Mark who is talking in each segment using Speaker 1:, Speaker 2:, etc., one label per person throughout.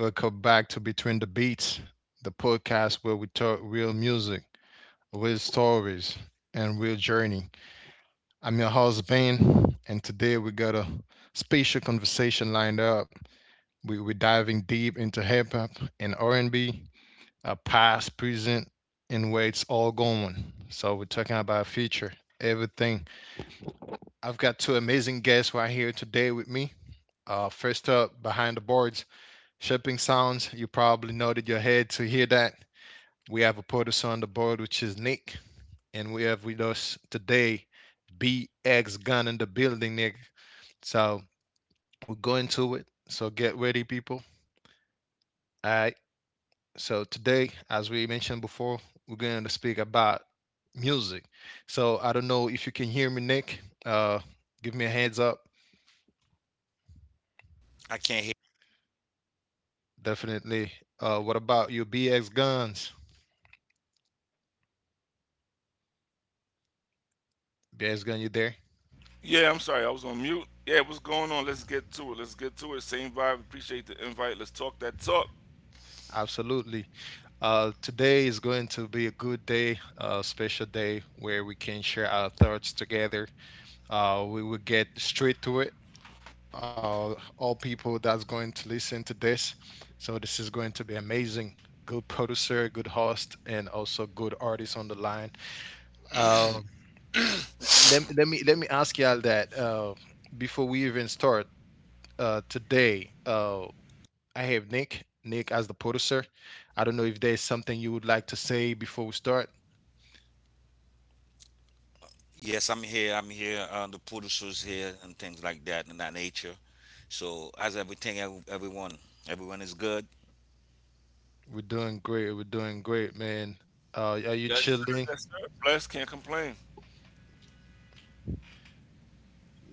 Speaker 1: Welcome back to Between the Beats, the podcast where we talk real music, real stories, and real journey. I'm your host, Ben, and today we got a special conversation lined up. We're diving deep into hip-hop and R&B, past, present, and where it's all going. So we're talking about future, everything. I've got two amazing guests right here today with me. First up, behind the boards, Shipping sounds, you probably nodded your head to hear that. We have a producer on the board, which is Nick, and we have with us today BX Gun in the building, Nick. So we're going to it. So get ready, people. All right. So today, as we mentioned before, we're going to speak about music. So I don't know if you can hear me, Nick. Uh, Give me a heads up.
Speaker 2: I can't hear.
Speaker 1: Definitely. What about you, BX Guns? BX Gun, you there?
Speaker 3: Yeah, I'm sorry, I was on mute. Yeah, what's going on? Let's get to it. Let's get to it. Same vibe. Appreciate the invite. Let's talk that talk.
Speaker 1: Absolutely. Today is going to be a good day, a special day where we can share our thoughts together. We will get straight to it. All people that's going to listen to this. So this is going to be amazing. Good producer, good host, and also good artist on the line. Uh, let me ask y'all that
Speaker 3: Yes,
Speaker 1: before we even start today. I have Nick. Nick as the producer. I don't know if there's something you would like to say before we start.
Speaker 2: Yes, I'm here. I'm here. The producers here and things like that and that nature. So how's everything? Everyone, everyone is good.
Speaker 1: We're doing great. We're doing great, man. Are you
Speaker 3: sir.
Speaker 1: chilling?
Speaker 3: Yes, sir. Blessed, can't complain.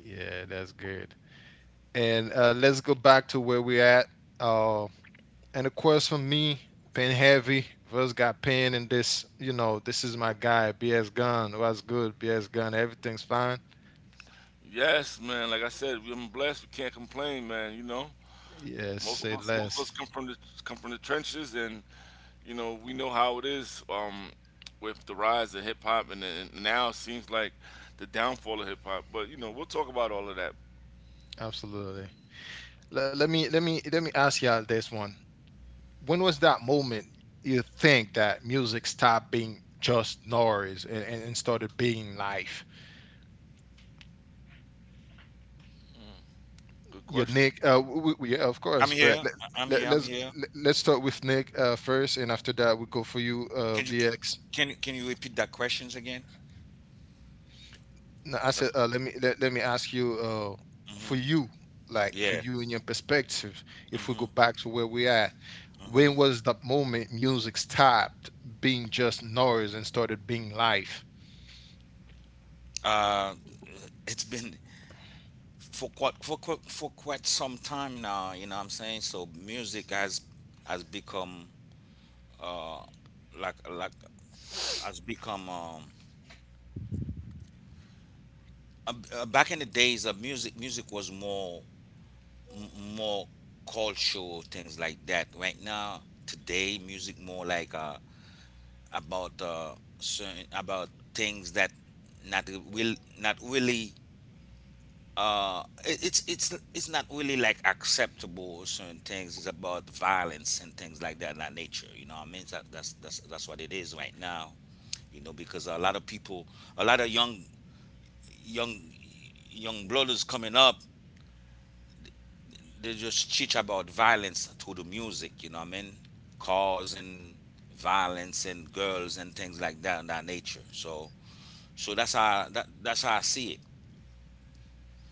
Speaker 1: Yeah, that's good. And let's go back to where we at. Uh, and of course, for me, Pen Heavy first got Pen, and this, you know, this is my guy, BS Gun. What's good, BS Gun? Everything's fine.
Speaker 3: Yes, man. Like I said, I'm blessed. We can't complain, man. You know,
Speaker 1: Yes,
Speaker 3: most of
Speaker 1: say
Speaker 3: us, most of us
Speaker 1: less.
Speaker 3: come from the trenches, and you know, we know how it is, with the rise of hip hop, and now it seems like the downfall of hip hop. But you know, we'll talk about all of that.
Speaker 1: Absolutely. Let me ask y'all this one. When was that moment you think that music stopped being just noise and started being life?
Speaker 3: Good
Speaker 1: Yeah,
Speaker 3: question.
Speaker 1: Nick. Of
Speaker 2: I'm
Speaker 1: course, but
Speaker 2: here. I'm
Speaker 1: let,
Speaker 2: here. I'm
Speaker 1: let's
Speaker 2: here.
Speaker 1: let's start with Nick, first, and after that we go for you,
Speaker 2: Can you
Speaker 1: BX.
Speaker 2: can you repeat that questions again?
Speaker 1: Now, I said,
Speaker 3: That's
Speaker 1: let me ask you, for
Speaker 2: hmm
Speaker 1: you, like for
Speaker 2: Yeah.
Speaker 1: you and your perspective, if we
Speaker 2: hmm
Speaker 1: go back to where we at, when
Speaker 2: hmm
Speaker 1: was that moment music stopped being just noise and started being life?
Speaker 2: Uh, it's been for quite some time now. You know what I'm saying? So music has become uh like like has become back in the days of music was more m- more cultural things like that. Right now, today, music more like about certain about things that not will not really it's not really like acceptable or certain things. It's about violence and things like that that nature, you know what I mean? That's what it is right now. You know, because a lot of people, a lot of young young blood is coming up, they just teach about violence through the music, you know what I mean? Cars and violence and girls and things like that and that nature. So so that's how I see it.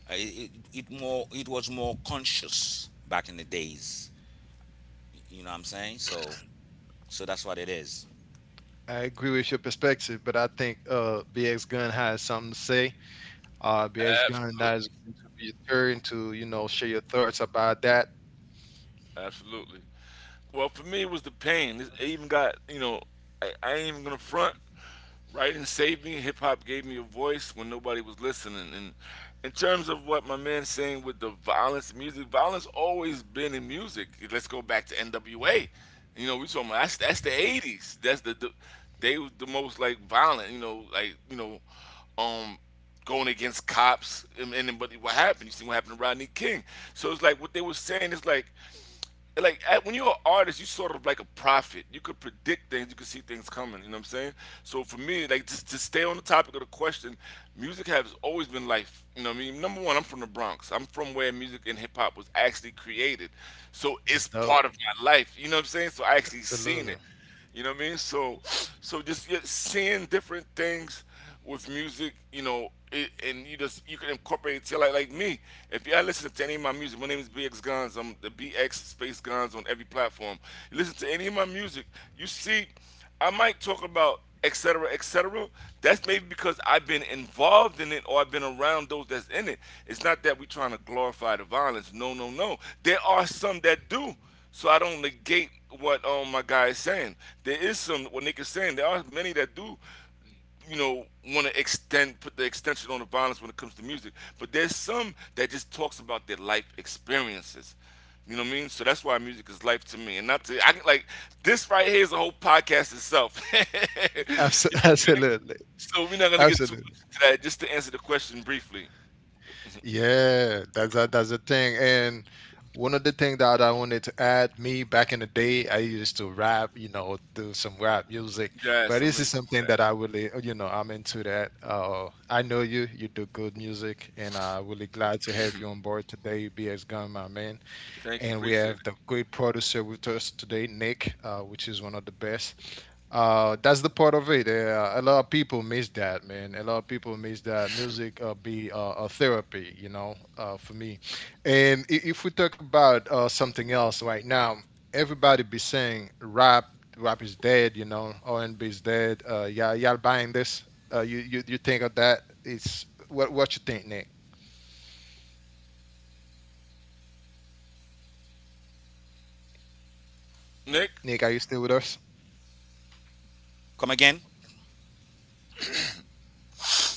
Speaker 2: Uh, It, it. It more, it was more conscious back in the days. You know what I'm saying? So that's what it is.
Speaker 1: I agree with your perspective, but I think BX Gun has something to say. BX Gun
Speaker 3: absolutely.
Speaker 1: that is going to be your turn to, you know, share your thoughts about that.
Speaker 3: Absolutely. Well, for me, it was the pain. It even got, you know, I ain't even gonna front. Writing saved me. Hip hop gave me a voice when nobody was listening. And in terms of what my man's saying with the violence, music, violence always been in music. Let's go back to NWA. You know, we talking about that's the '80s. That's the they was the most, like, violent. You know, like, you know, um, going against cops, but what happened? You see what happened to Rodney King? So it's like what they were saying is like, when you're an artist, you sort of like a prophet. You could predict things, you could see things coming. You know what I'm saying? So for me, like just to stay on the topic of the question, music has always been life. You know what I mean? Number one, I'm from the Bronx. I'm from where music and hip hop was actually created, so
Speaker 1: Just
Speaker 3: it's
Speaker 1: dope.
Speaker 3: part of my life. You know what I'm saying? So I actually seen it.
Speaker 1: Absolutely.
Speaker 3: You know what I mean? So, so just yeah, seeing different things with music, you know, and you just you can incorporate it. Like me, if y'all listen to any of my music, my name is BX Guns. I'm the BX Space Guns on every platform. You listen to any of my music, you see, I might talk about etc. Cetera, etc. Cetera. That's maybe because I've been involved in it or I've been around those that's in it. It's not that we're trying to glorify the violence. No, no, no. There are some that do. So I don't negate what, my guy is saying. There is some what Nick is saying. There are many that do, you know, want to extend, put the extension on the violence when it comes to music. But there's some that just talks about their life experiences. You know what I mean? So that's why music is life to me, and not to I can like this right here is a whole podcast itself. You know what I'm saying?
Speaker 1: Absolutely.
Speaker 3: So we're not gonna get too
Speaker 1: Absolutely.
Speaker 3: much into that. Just to answer the question briefly,
Speaker 1: Yeah, that's that. That's the thing. And one of the things that I wanted to add, me back in the day, I used to rap, you know, do some rap music. But
Speaker 3: yes, I'm
Speaker 1: this
Speaker 3: gonna be
Speaker 1: is
Speaker 3: doing
Speaker 1: something
Speaker 3: that.
Speaker 1: that I really, you know, I'm into that. I know you do good music, and I'm really glad to have you on board today, BX Gun, my man.
Speaker 3: Thank you,
Speaker 1: And we
Speaker 3: appreciate it,
Speaker 1: have the great producer with us today, Nick, which is one of the best. That's the part of it. A lot of people miss that, man. A lot of people miss that music be a therapy, you know, for me. And if we talk about something else right now, everybody be saying rap is dead, you know, R and B is dead. Y'all buying this? You think of that? It's what you think, Nick?
Speaker 3: Nick.
Speaker 1: Nick, are you still with us?
Speaker 2: Come again?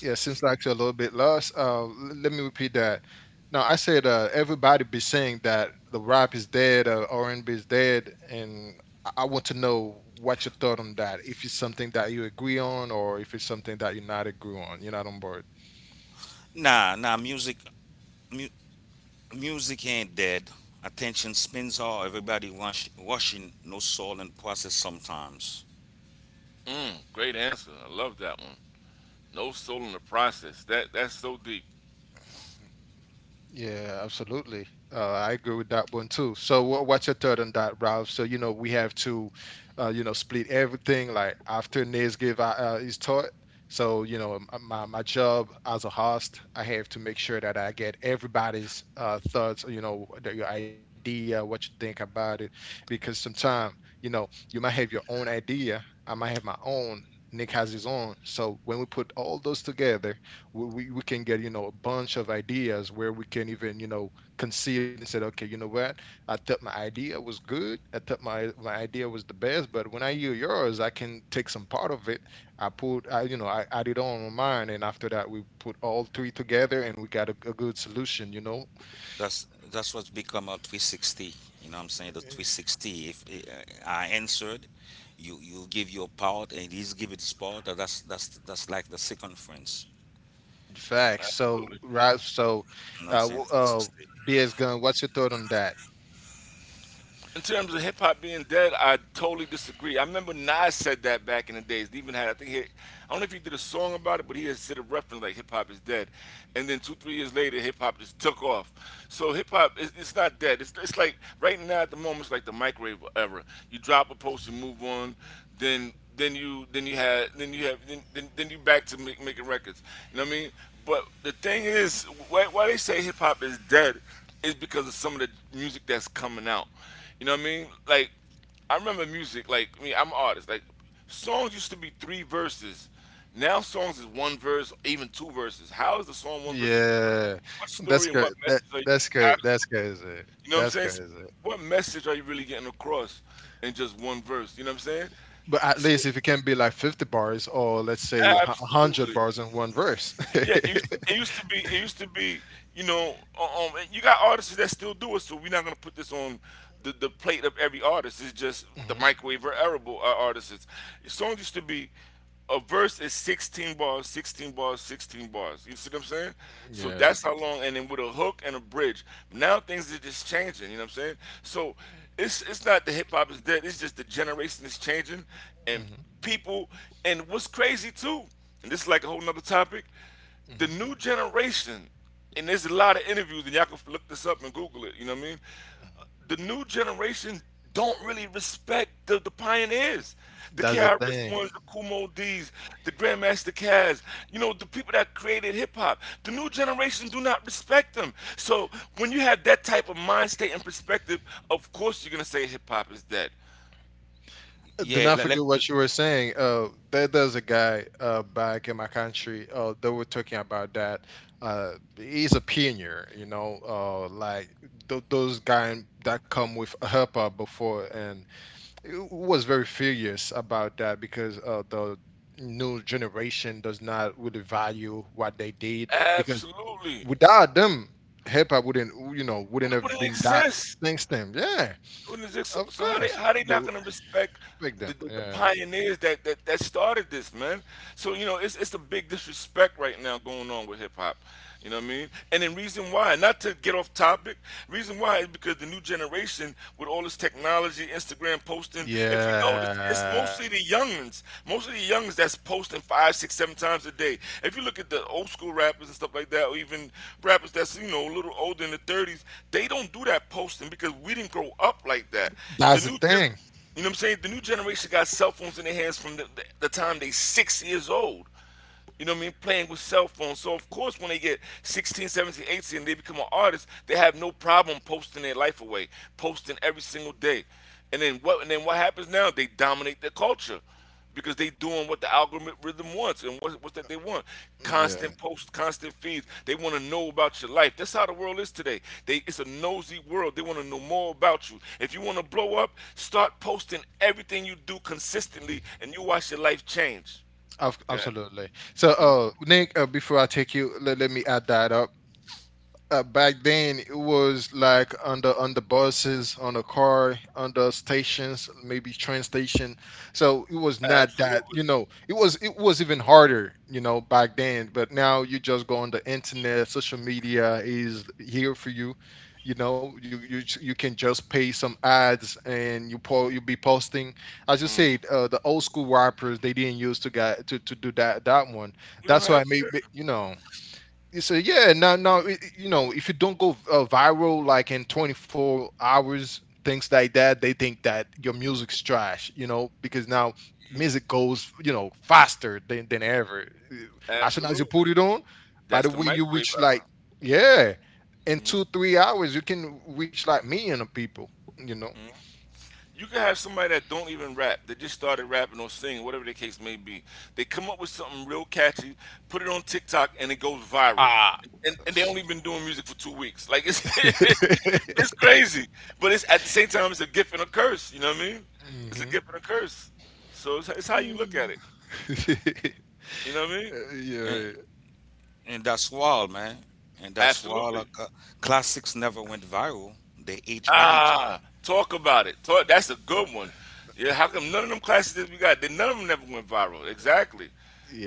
Speaker 1: Yeah, seems like you're a little bit lost. Let me repeat that. Now, I said everybody be saying that the rap is dead, R&B is dead, and I want to know what your thought on that. If it's something that you agree on, or if it's something that you're not agree on, you're not on board.
Speaker 2: Nah, nah. Music mu- music ain't dead. Attention spins, all everybody rush, rushing, no soul in the process sometimes.
Speaker 3: Mm, great answer. I love that one. No soul in the process. That's so deep.
Speaker 1: Yeah, absolutely. I agree with that one too. So, what's your third on that, Ralph? So, you know, we have to, you know, split everything. Like after Niz give his thought, so you know, my job as a host, I have to make sure that I get everybody's thoughts. You know, your idea, what you think about it, because sometimes, you know, you might have your own idea. I might have my own. Nick has his own. So when we put all those together, we can get, you know, a bunch of ideas where we can even, you know, concede and said, okay, you know what, I thought my idea was good. I thought my idea was the best, but when I hear yours I can take some part of it. I, I added on mine, and after that we put all three together, and we got a good solution, you know.
Speaker 2: That's that's what's become a 360. You know what I'm saying? The 360. If I answered, you give your part and he's give it his part. That's like the circumference.
Speaker 1: Facts, so
Speaker 3: Absolutely.
Speaker 1: right, so
Speaker 2: You know what I'm
Speaker 1: uh,
Speaker 2: saying?
Speaker 1: w- uh
Speaker 2: 360.
Speaker 1: BS Gun, what's your thought on that?
Speaker 3: In terms of hip hop being dead, I totally disagree. I remember Nas said that back in the days. He even had, I think, I don't know if he did a song about it, but he had said a reference like hip hop is dead. And then two, 3 years later, hip hop just took off. So hip hop, it's not dead. It's like right now at the moment, it's like the microwave era. You drop a post, you move on, then you had then you have then you back to making records. You know what I mean? But the thing is, why they say hip hop is dead is because of some of the music that's coming out. You know what I mean? Like, I remember music. Like, I mean, I'm an artist. Like, songs used to be three verses. Now songs is one verse, even two verses. How is the song one verse or two verses?
Speaker 1: Yeah,
Speaker 3: What story and what message are you?
Speaker 1: that's good. That's
Speaker 3: Absolutely.
Speaker 1: crazy.
Speaker 3: You know what I'm
Speaker 1: That's
Speaker 3: saying? So
Speaker 1: crazy.
Speaker 3: what message are you really getting across in just one verse? You know what I'm saying?
Speaker 1: But at
Speaker 3: So,
Speaker 1: least if it can be like 50 bars, or let's say a 100
Speaker 3: absolutely.
Speaker 1: bars in one verse.
Speaker 3: Yeah, it used to be. It used to be. You know, and you got artists that still do it. So we're not gonna put this on the plate of every artist. It's just the
Speaker 1: Mhm.
Speaker 3: microwave or arable, artists. Songs used to be a verse is 16 bars, 16 bars, 16 bars. You see what I'm saying? So
Speaker 1: Yeah.
Speaker 3: that's how long, and then with a hook and a bridge. Now things are just changing. You know what I'm saying? So it's not the hip hop is dead. It's just the generation is changing, and
Speaker 1: Mhm.
Speaker 3: people. And what's crazy too, and this is like a whole nother topic, the
Speaker 1: Mhm.
Speaker 3: new generation, and there's a lot of interviews, and y'all can look this up and Google it. You know what I mean?
Speaker 1: Mhm.
Speaker 3: The new generation don't really respect the pioneers, the
Speaker 1: That's the
Speaker 3: KRS
Speaker 1: thing.
Speaker 3: Ones, the Kumo D's, the Grandmaster Caz. You know, the people that created hip hop. The new generation do not respect them. So when you have that type of mind state and perspective, of course you're gonna say hip hop is dead.
Speaker 1: Do
Speaker 2: Yeah,
Speaker 1: not
Speaker 2: let, let,
Speaker 1: forget what you were saying. There's a guy back in my country. They were talking about that. He's a pioneer, you know, like those guys that come with a helper before, and was very furious about that because the new generation does not really value what they did, because
Speaker 3: Absolutely. It
Speaker 1: without them hip hop wouldn't you know wouldn't have
Speaker 3: wouldn't
Speaker 1: been that
Speaker 3: exist.
Speaker 1: thing stem, yeah.
Speaker 3: When is this- So,
Speaker 1: Of course
Speaker 3: how they
Speaker 1: they
Speaker 3: not
Speaker 1: would
Speaker 3: gonna respect
Speaker 1: pick them,
Speaker 3: the
Speaker 1: yeah.
Speaker 3: pioneers that, that started this, man? So you know it's a big disrespect right now going on with hip hop. You know what I mean? And then reason why, not to get off topic, reason why is because the new generation with all this technology, Instagram posting. If you notice, it's
Speaker 1: Yeah,
Speaker 3: mostly the youngins that's posting five, six, seven times a day. If you look at the old school rappers and stuff like that, or even rappers that's you know a little older in the 30s, they don't do that posting because we didn't grow up like that. The
Speaker 1: that's
Speaker 3: new
Speaker 1: the
Speaker 3: gen,
Speaker 1: thing.
Speaker 3: you know what I'm saying? The new generation got cell phones in their hands from the time they 6 years old. You know what I mean? Playing with cell phones. So, of course, when they get 16, 17, 18, and they become an artist, they have no problem posting their life away, posting every single day. And then what? And then what happens now? They dominate the culture because they doing what the algorithm wants and what's that they want,
Speaker 1: Yeah,
Speaker 3: constant posts, constant feeds. They want to know about your life. That's how the world is today. They It's a nosy world. They want to know more about you. If you want to blow up, start posting everything you do consistently, and you watch your life change. Go ahead.
Speaker 1: absolutely. So, Nick, before I take you, let me add that up. Back then it was like under buses on a car, under stations, maybe train station. So it was not that,
Speaker 3: Absolutely.
Speaker 1: you know, it was even harder, you know, back then. But now you just go on the internet. Social media is here for you. You know, you can just pay some ads, and you be posting. As you said, the old school rappers, they didn't use to get to do that that one.
Speaker 3: You don't
Speaker 1: That's why
Speaker 3: have.
Speaker 1: maybe, you know. So yeah, you know, if you don't go viral like in 24 hours, things like that, they think that your music's trash, you know, because now music goes, you know, faster than ever. Uh, As soon as you
Speaker 3: Absolutely.
Speaker 1: put it on, by
Speaker 3: That's
Speaker 1: the
Speaker 3: the
Speaker 1: way, you
Speaker 3: microwave
Speaker 1: reach like,
Speaker 3: era.
Speaker 1: yeah, in two, 3 hours, you can reach like million of people, you know.
Speaker 3: You could have somebody that don't even rap. They just started rapping or singing, whatever the case may be. They come up with something real catchy, put it on TikTok, and it goes viral.
Speaker 1: Ah.
Speaker 3: And they only been doing music for 2 weeks. Like, it's it's crazy, but it's, at the same time, it's a gift and a curse. You know what I mean? It's a
Speaker 1: Hmm.
Speaker 3: gift and a curse. So it's how you look at it. You know what I mean?
Speaker 2: and,
Speaker 1: Yeah.
Speaker 2: and that's why, man. And that's why.
Speaker 3: Absolutely.
Speaker 2: Classics never went viral. They age right.
Speaker 3: Ah, talk about it. Talk. That's a good one. Yeah. How come none of them classes that we got, none of them never went viral? Exactly.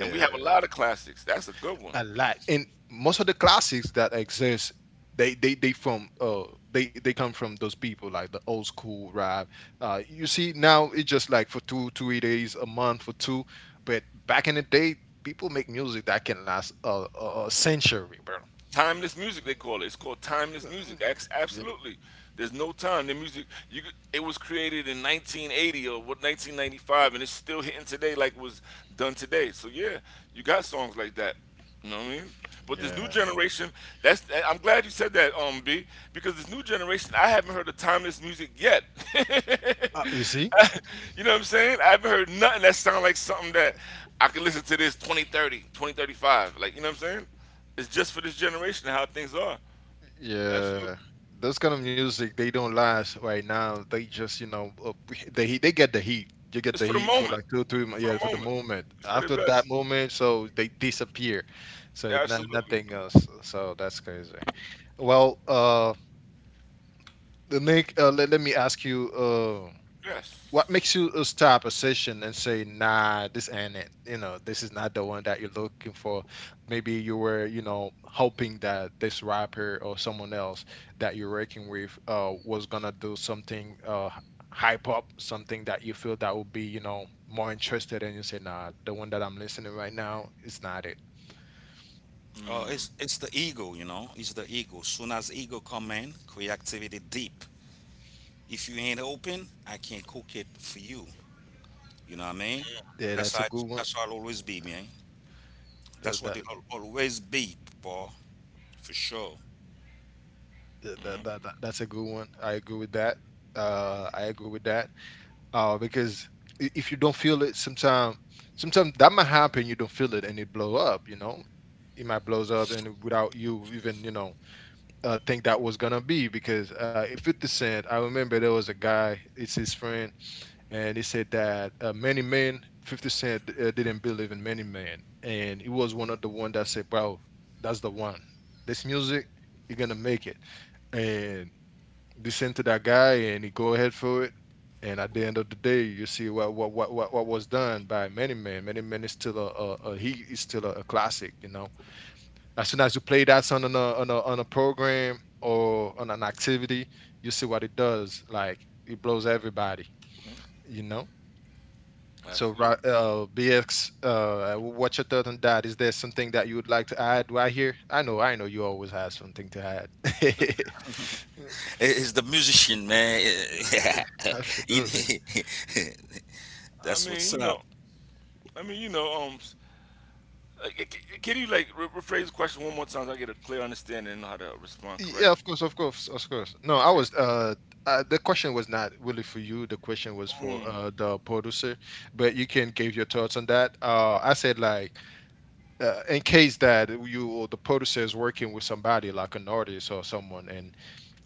Speaker 3: And we have a lot of classics. That's a good one.
Speaker 1: A lot. And most of the classics that exist, they from they come from those people like the old school rap. You see now it's just like for two three days a month for two, but back in the day, people make music that can last a century, bro.
Speaker 3: Timeless music, they call it. It's called timeless music. Ex-
Speaker 1: Mm,
Speaker 3: Absolutely, there's no time. The music, could- it was created in 1980 or what 1995, and it's still hitting today like it was done today. So yeah, you got songs like that. You know what I mean? But this new
Speaker 1: yeah.
Speaker 3: generation, I'm glad you said that, B, because this new generation, I haven't heard of timeless music yet.
Speaker 1: You see.
Speaker 3: You know what I'm saying? I haven't heard nothing that sounds like something that I can listen to this 2030, 2035. Like, you know what I'm saying? It's just for this generation how things are.
Speaker 1: Yeah,
Speaker 3: Absolutely.
Speaker 1: those kind of music they don't last right now. They just, you know, they get the heat. You get
Speaker 3: It's
Speaker 1: the
Speaker 3: for the
Speaker 1: heat for
Speaker 3: moment.
Speaker 1: like two three
Speaker 3: For
Speaker 1: yeah,
Speaker 3: the
Speaker 1: for the
Speaker 3: moment.
Speaker 1: moment.
Speaker 3: You said it
Speaker 1: After that
Speaker 3: best.
Speaker 1: moment, so they disappear. So not,
Speaker 3: Absolutely.
Speaker 1: nothing else. So that's crazy. Well, Nick, let me ask you. What
Speaker 3: Yes.
Speaker 1: makes you stop a session and say, nah, this ain't it, you know, this is not the one that you're looking for. Maybe you were, you know, hoping that this rapper or someone else that you're working with was gonna do something, hype up something that you feel that would be, you know, more interested, and you say, nah, the one that I'm listening right now is not it.
Speaker 2: Oh,
Speaker 3: Mm,
Speaker 2: it's the ego, you know. It's the ego. Soon as ego come in, creativity deep. If you ain't open, I can't cook it for you. You know what I mean?
Speaker 1: Yeah, that's a good one.
Speaker 2: That's how it always be, man. That's
Speaker 1: that,
Speaker 2: what
Speaker 1: that,
Speaker 2: it'll always be, Paul, for sure.
Speaker 1: that's a good one. I agree with that. I agree with that. Because if you don't feel it, sometimes, that might happen. You don't feel it, and it blow up. You know, it might blows up, and without you even, you know, think that was gonna be. Because if Fifty Cent, I remember there was a guy, it's his friend, and he said that many men, Fifty Cent didn't believe in many men, and he was one of the one that said, "Wow, that's the one. This music, you're gonna make it." And descend to that guy and he go ahead for it. And at the end of the day, you see what was done by many men. Many men is still a— he is still a classic. You know, as soon as you play that on a program or on an activity, you see what it does. Like it blows everybody. You know. So,
Speaker 3: absolutely.
Speaker 1: BX, what's your thought on that? Is there something that you would like to add right here? I know, you always have something to add.
Speaker 2: It's the musician, man.
Speaker 1: Absolutely.
Speaker 2: It-
Speaker 3: I
Speaker 2: that's
Speaker 3: mean,
Speaker 2: what's
Speaker 3: you
Speaker 2: up.
Speaker 3: know, I mean, you know, s- like, c- c- can you like rephrase the question one more time so I get a clear understanding and know how to respond
Speaker 1: Yeah,
Speaker 3: correctly?
Speaker 1: of course, of course, of course. No, I
Speaker 3: Appreciate it.
Speaker 1: was. The question was not really for you. The question was for
Speaker 3: Mm,
Speaker 1: the producer, but you can give your thoughts on that. I said like, in case that you or the producer is working with somebody like an artist or someone, and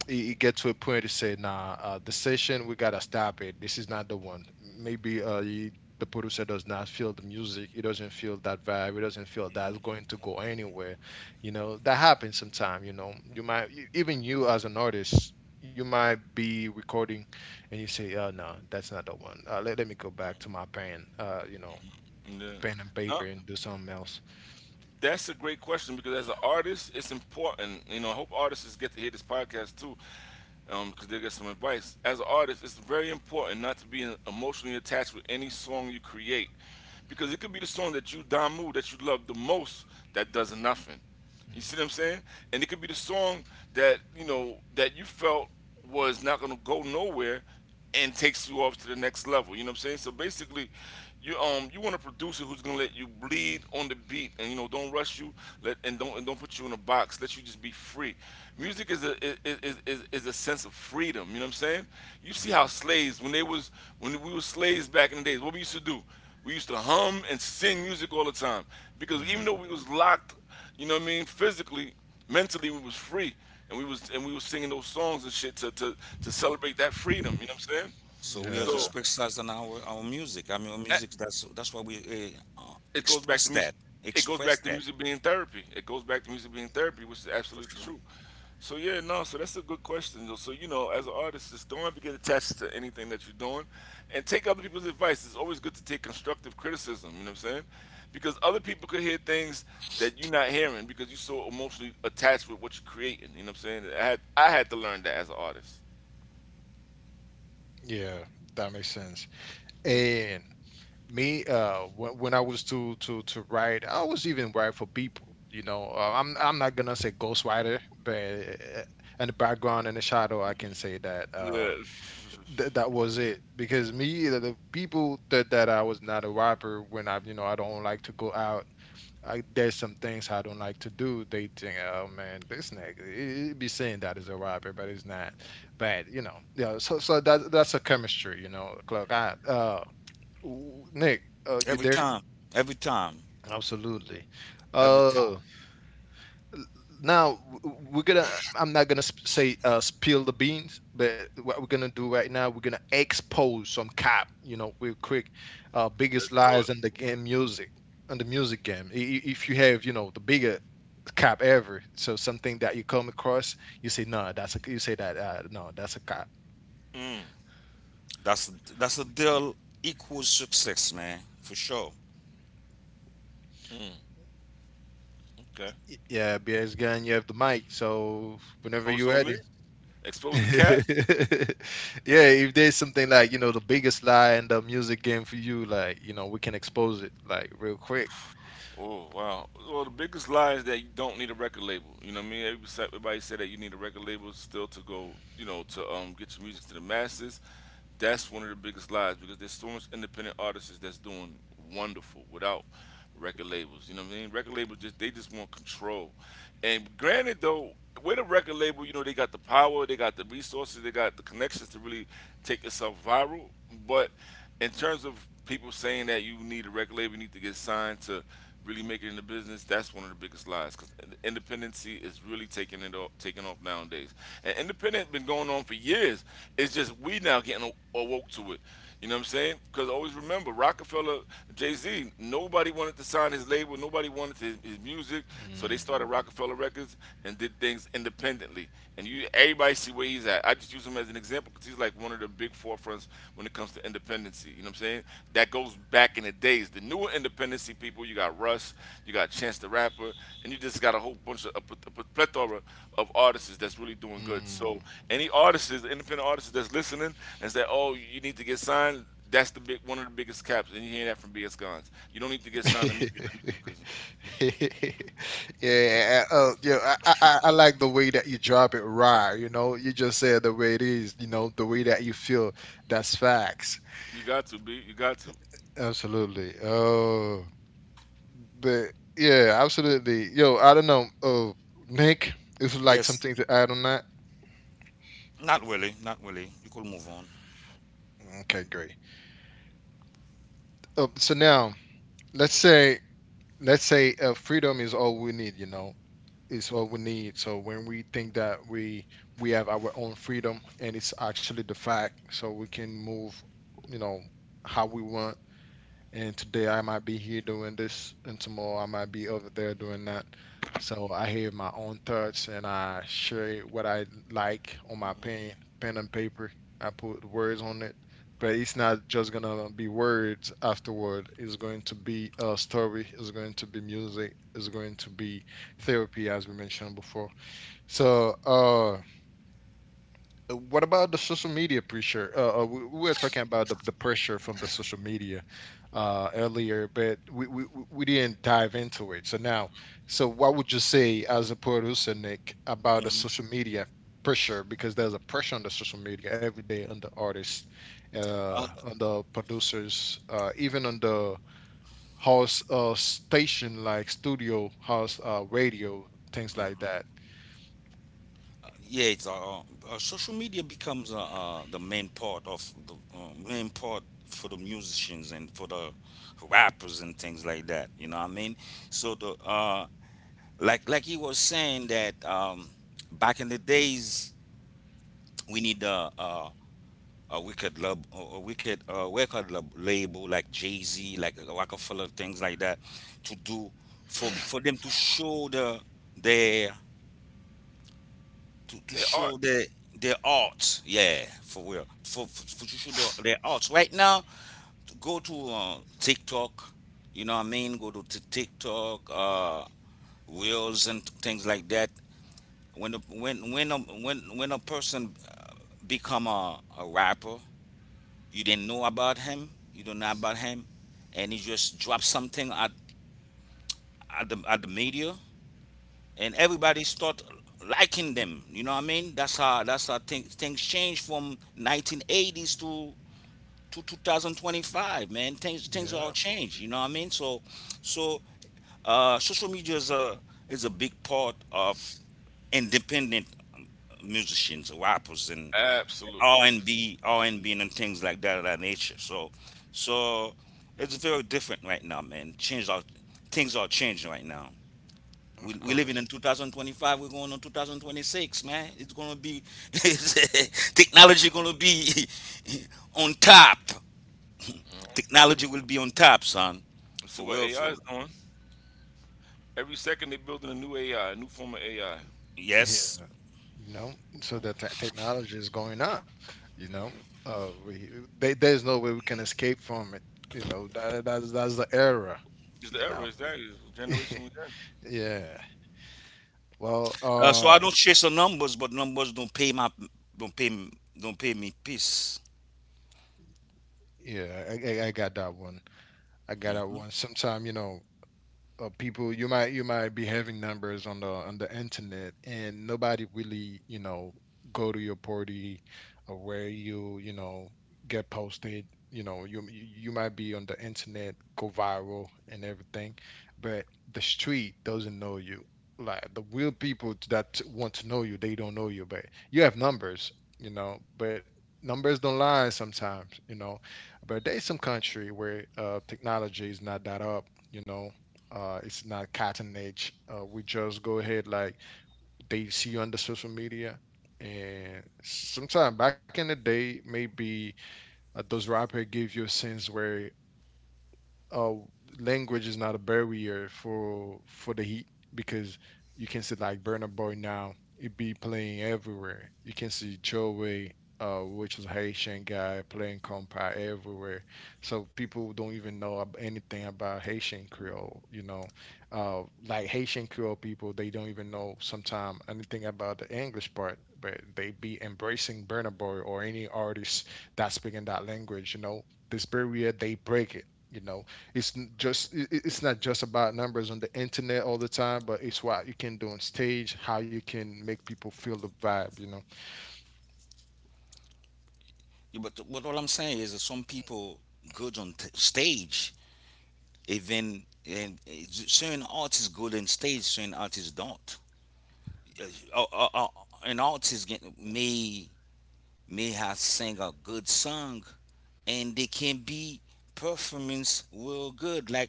Speaker 1: it you get to a point to say, nah, the session, we gotta stop it. This is not the one. Maybe you, the producer does not feel the music. It doesn't feel that vibe. It doesn't feel that it's going to go anywhere. You know, that happens sometime. You know, you might, even you as an artist, you might be recording and you say, no, that's not the one. Let me go back to my pen,
Speaker 3: yeah.
Speaker 1: pen and paper
Speaker 3: Huh?
Speaker 1: and do something else.
Speaker 3: That's a great question because as an artist, it's important. You know, I hope artists get to hear this podcast too, because they get some advice. As an artist, it's very important not to be emotionally attached with any song you create,
Speaker 1: Mhm,
Speaker 3: because it could be the song that you Damu that you love the most that does nothing. You see what I'm saying? And it could be the song that you know that you felt was not going to go nowhere and takes you off to the next level. You know what I'm saying? So basically, you you want a producer who's going to let you bleed on the beat and you know don't rush you let and don't put you in a box. Let you just be free. Music is a is a sense of freedom. You know what I'm saying?
Speaker 1: mhm,
Speaker 3: You see
Speaker 1: mhm,
Speaker 3: how slaves when they was when we were slaves back in the days, what we used to do. We used to hum and sing music all the time because even
Speaker 1: mhm.
Speaker 3: though we was locked, you know what I mean? Physically, mentally, we was free, and we was singing those songs and shit to celebrate that freedom. You know what I'm saying?
Speaker 2: So we are
Speaker 3: So
Speaker 1: Yeah,
Speaker 2: just expressing our music. I mean, our
Speaker 3: that
Speaker 2: music. That's why we
Speaker 3: it goes back
Speaker 2: express
Speaker 3: to
Speaker 2: that,
Speaker 3: music. It goes
Speaker 2: express
Speaker 3: back to
Speaker 2: that
Speaker 3: music being therapy. It goes back to music being therapy, which is
Speaker 2: for
Speaker 3: absolutely
Speaker 2: sure.
Speaker 3: true. So yeah, no. So that's a good question, though. So you know, as an artist, just don't ever get attached to anything that you're doing, and take other people's advice. It's always good to take constructive criticism. You know what I'm saying? Because other people could hear things that you're not hearing because you're so emotionally attached with what you're creating. You know what I'm saying? I had to learn that as an artist.
Speaker 1: yeah, that makes sense.
Speaker 3: Mhm.
Speaker 1: And me, when I was to write, I was even write for people. You know, I'm not gonna say ghostwriter, but uh, in the background in the shadow, I can say that
Speaker 3: Yeah.
Speaker 1: that was it. Because me, the people that I was not a rapper when I, you know, I don't like to go out. I, there's some things I don't like to do. They think, oh man, this nigga, he be saying that is a rapper, but it's not. But you know, yeah. That that's a chemistry, you know, Clark. I uh, ooh, Nick, you
Speaker 2: Every
Speaker 1: there?
Speaker 2: time, every time,
Speaker 1: Absolutely.
Speaker 2: every time.
Speaker 1: Uh, l- we're gonna. I'm not gonna say, spill the beans, but what we're gonna do right now, we're gonna expose some cap. You know, real quick, biggest
Speaker 3: Let's do it.
Speaker 1: lies in the game music, in the music game. If you have, you know, the bigger cap ever, so something that you come across, you say no, that's a. You say that no, that's a cap.
Speaker 3: Mm,
Speaker 2: That's that's a deal equals success, man, for sure.
Speaker 3: okay.
Speaker 1: Yeah, BS gun. You have the mic, so whenever
Speaker 3: Oh, it's
Speaker 1: you're
Speaker 3: on
Speaker 1: ready.
Speaker 3: me. Expose the cat.
Speaker 1: Yeah, if there's something like, you know, the biggest lie in the music game for you, like, you know, we can expose it like real quick.
Speaker 3: Oh, wow! Well, the biggest lie is that you don't need a record label. You know what I mean? Everybody said that you need a record label still to go, you know, to get your music to the masses. That's one of the biggest lies because there's so much independent artists that's doing wonderful without record labels. You know what I mean? Record labels, just they just want control. And granted though, with a record label, you know they got the power, they got the resources, they got the connections to really take yourself viral. But in terms of people saying that you need a record label, you need to get signed to really make it in the business, that's one of the biggest lies because independency is really taking off nowadays. And independent been going on for years. It's just we now getting awoke to it. You know what I'm saying? Because always remember Rockefeller, Jay Z. Nobody wanted to sign his label. Nobody wanted his music, so they
Speaker 1: Mm.
Speaker 3: started Rockefeller Records and did things independently. And you everybody see where he's at. I just use him as an example because he's like one of the big forefronts when it comes to independency. You know what I'm saying? That goes back in the days. The newer independency people, you got Russ, you got Chance the Rapper, and you just got a whole bunch of a plethora of artists that's really doing good. So any artists, independent artists that's listening and say, "Oh, you need to get signed." That's the big one of the biggest caps, and you hear that from BS Guns. You don't need to get signed to make it in the
Speaker 1: Mm.
Speaker 3: music business.
Speaker 1: Yeah, I like the way that you drop it raw. You know, you just say it the way it is. You know, the way that you feel. That's facts.
Speaker 3: You got to be. You got to.
Speaker 1: Absolutely. Oh, but yeah, absolutely. Yo, I don't know. Oh, Nick, is like
Speaker 2: Yes,
Speaker 1: something to add on that?
Speaker 2: not really, not really. You could move on.
Speaker 1: Mm, okay, great. So now let's say, freedom is all we need. You know, is all we need. So when we think that we have our own freedom and it's actually the fact, so we can move, you know, how we want, and today I might be here doing this, and tomorrow I might be over there doing that. So I have my own thoughts and I share what I like on my pen, pen and paper. I put words on it, but it's not just gonna be words afterward. It's going to be a story. It's going to be music. It's going to be therapy, as we mentioned before. So, what about the social media pressure? We were talking about the pressure from the social media earlier, but we didn't dive into it. So now, so what would you say as a producer, Nick, about the
Speaker 2: Mhm.
Speaker 1: social media pressure? Because there's a pressure on the social media every day on the artists, on the producers, even on the house station like studio, house radio, things like that.
Speaker 2: yeah, it's social media becomes the main part of the main part for the musicians and for the rappers and things like that. You know what I mean? So the like he was saying that back in the days we need a wicked lab, a wicked record lab, label, like Jay Z, like Rockefeller, things like that, to do for them to show their to
Speaker 3: They are.
Speaker 2: show their art. Yeah, for real. For to show their art. Right now, to go to TikTok. You know what I mean? Go to TikTok, reels and things like that. When a person become a rapper, you didn't know about him. You don't know about him, and he just drops something at at the media, and everybody start liking them. You know what I mean? That's how things change from 1980s to 2025, man. Things
Speaker 1: Yeah,
Speaker 3: uh,
Speaker 2: all change. You know what I mean? So so social media is a big part of independent musicians, rappers, and
Speaker 3: Absolutely.
Speaker 2: R and B, and things like that of that nature. So, so it's very different right now, man. Change are things are changing right now.
Speaker 1: of
Speaker 2: We living
Speaker 1: course.
Speaker 2: in 2025. We're going on 2026, man. It's gonna be technology gonna be on top. Technology will be on top, son.
Speaker 3: Let's see
Speaker 2: For
Speaker 3: what
Speaker 2: real,
Speaker 3: AI
Speaker 2: for
Speaker 3: is
Speaker 2: real.
Speaker 3: doing. Every second they're building a new AI, a new form of AI.
Speaker 2: Yes.
Speaker 1: You know, so the technology is going up, you know. uh we there's no way we can escape from it, you know. That, that's the era, you know. Yeah, well,
Speaker 2: So I don't chase the numbers, but numbers don't pay my don't pay m- don't pay me peace.
Speaker 1: yeah I got that one. I got that one sometime, you know. People, you might be having numbers on the internet and nobody really, you know, go to your party or where you know, get posted. You know, you might be on the internet, go viral and everything, but the street doesn't know you, like the real people that want to know you, they don't know you, but you have numbers, you know. But numbers don't lie sometimes, you know. But there's some country where uh, technology is not that up, you know. It's not cat and age, we just go ahead. Like, they see you on the social media, and sometime back in the day, maybe those rappers give you a sense where, uh, language is not a barrier for the Heat, because you can see like Burna Boy now, he be playing everywhere. You can see Joey, which is a Haitian guy playing compa everywhere. So people don't even know anything about Haitian Creole. You know, uh, like Haitian Creole people, they don't even know sometime anything about the English part, but they be embracing Burna Boy or any artist that's speaking that language. You know, this barrier they break it. You know, it's n- just I- it's not just about numbers on the internet all the time, but it's what you can do on stage, how you can make people feel the vibe, you know.
Speaker 2: Yeah, but what all I'm saying is that some people good on stage, even, and certain artists good on stage, certain artists don't. Uh, uh, uh, an artist get, may have sang a good song, and they can be performance real good, like,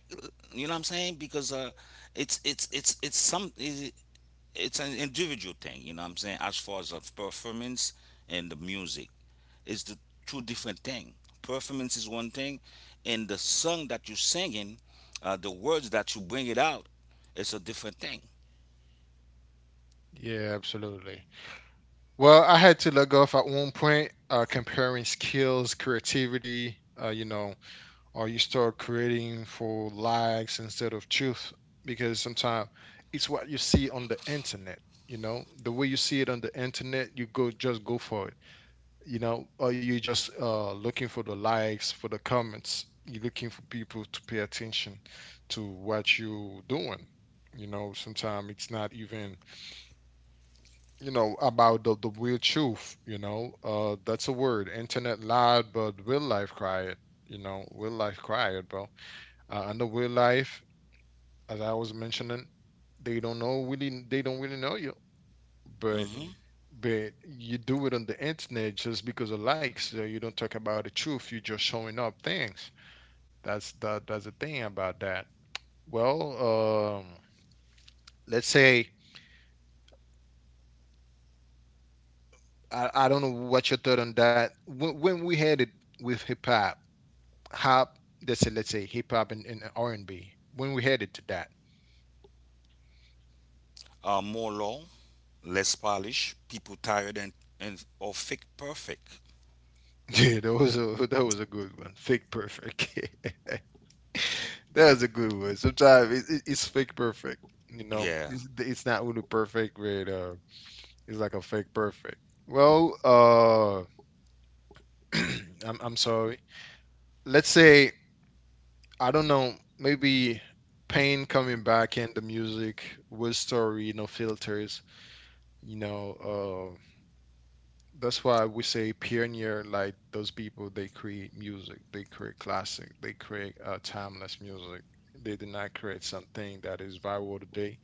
Speaker 2: you know what I'm saying? Because it's some, it's an individual thing, you know what I'm saying? As far as of performance and the music, it's the two different thing. Performance is one thing, and the song that you're singing, the words that you bring it out, it's a different thing.
Speaker 1: Yeah, absolutely. Well, I had to let go off at one point, comparing skills, creativity, you know, or you start creating for likes instead of truth, because sometimes it's what you see on the internet, you know, the way you see it on the internet, you go just go for it, you know. Or you just looking for the likes, for the comments, you're looking for people to pay attention to what you're doing, you know. Sometimes it's not even, you know, about the real truth, you know. That's a word: internet loud, but real life quiet. You know, real life quiet, bro. And the real life, as I was mentioning, they don't really know you, but
Speaker 2: hmm
Speaker 1: but you do it on the internet just because of likes. So you don't talk about the truth. You're just showing up things. That's that. That's the thing about that. Well, let's say, I don't know what your thought on that. When we had it with hip hop, hop. Let's say hip hop and R and B. When we headed to that,
Speaker 2: more low, less polish, people tired, and or fake perfect.
Speaker 1: yeah, that was a, that was a good one. Fake perfect. That was a good one. Sometimes it's fake perfect. You know,
Speaker 2: Yeah.
Speaker 1: it's not really perfect, but it's like a fake perfect. Well, I'm sorry. Let's say I don't know. Maybe pain coming back in the music with story, no filters. You know, that's why we say pioneer. Like those people, they create music. They create classic. They create timeless music. They did not create something that is viral today,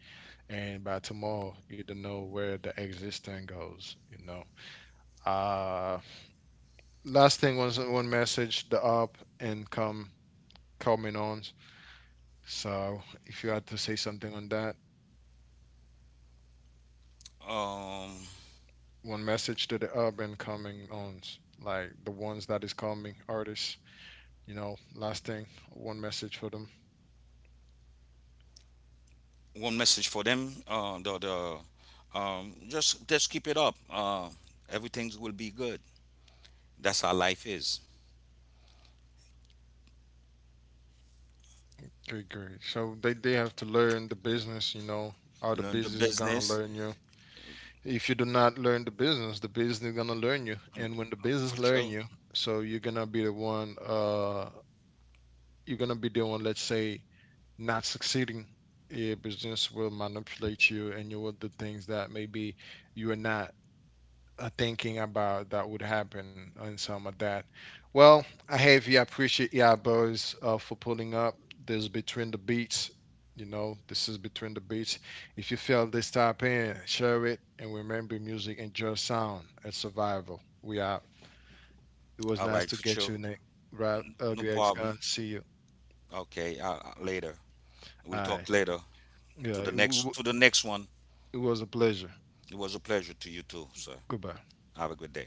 Speaker 1: and by tomorrow you don't know where the existence goes. You know. Uh, last thing was one message the up and come coming on, so if you had to say something on that,
Speaker 2: Um,
Speaker 1: one message to the up and coming ons, like the ones that is coming artists, you know, last thing, one message for them.
Speaker 2: one message for them. The just keep it up. Everything will be good. That's how life is.
Speaker 1: Great, great. So they have to learn the business. You know, how the
Speaker 2: Learn the
Speaker 1: business is gonna
Speaker 2: business.
Speaker 1: learn you. If you do not learn the business, the business is gonna learn you,
Speaker 2: mm,
Speaker 1: and when the
Speaker 2: for
Speaker 1: business learn
Speaker 2: sure.
Speaker 1: you, so you're gonna be the one, you're gonna be the one, let's say, not succeeding. Your business will manipulate you and you will do things that maybe you are not, thinking about that would happen, and some of that. Well, I have you, I appreciate you boys, for pulling up. This is Between the Beats. You know, this is Between the Beats. If you feel this type in, share it, and remember, music and just sound and survival. We out. It was
Speaker 2: All right,
Speaker 1: nice to
Speaker 2: for
Speaker 1: get
Speaker 2: sure.
Speaker 1: you, Nick. Right,
Speaker 2: No
Speaker 1: Ugly Ex
Speaker 2: problem.
Speaker 1: Gun, see you.
Speaker 2: Okay. Later. We'll
Speaker 1: All
Speaker 2: talk
Speaker 1: right.
Speaker 2: later. To
Speaker 1: yeah
Speaker 2: the
Speaker 1: it, w-
Speaker 2: next one.
Speaker 1: it was a pleasure.
Speaker 2: It was a pleasure to you too, sir.
Speaker 1: Goodbye.
Speaker 2: Have a good day.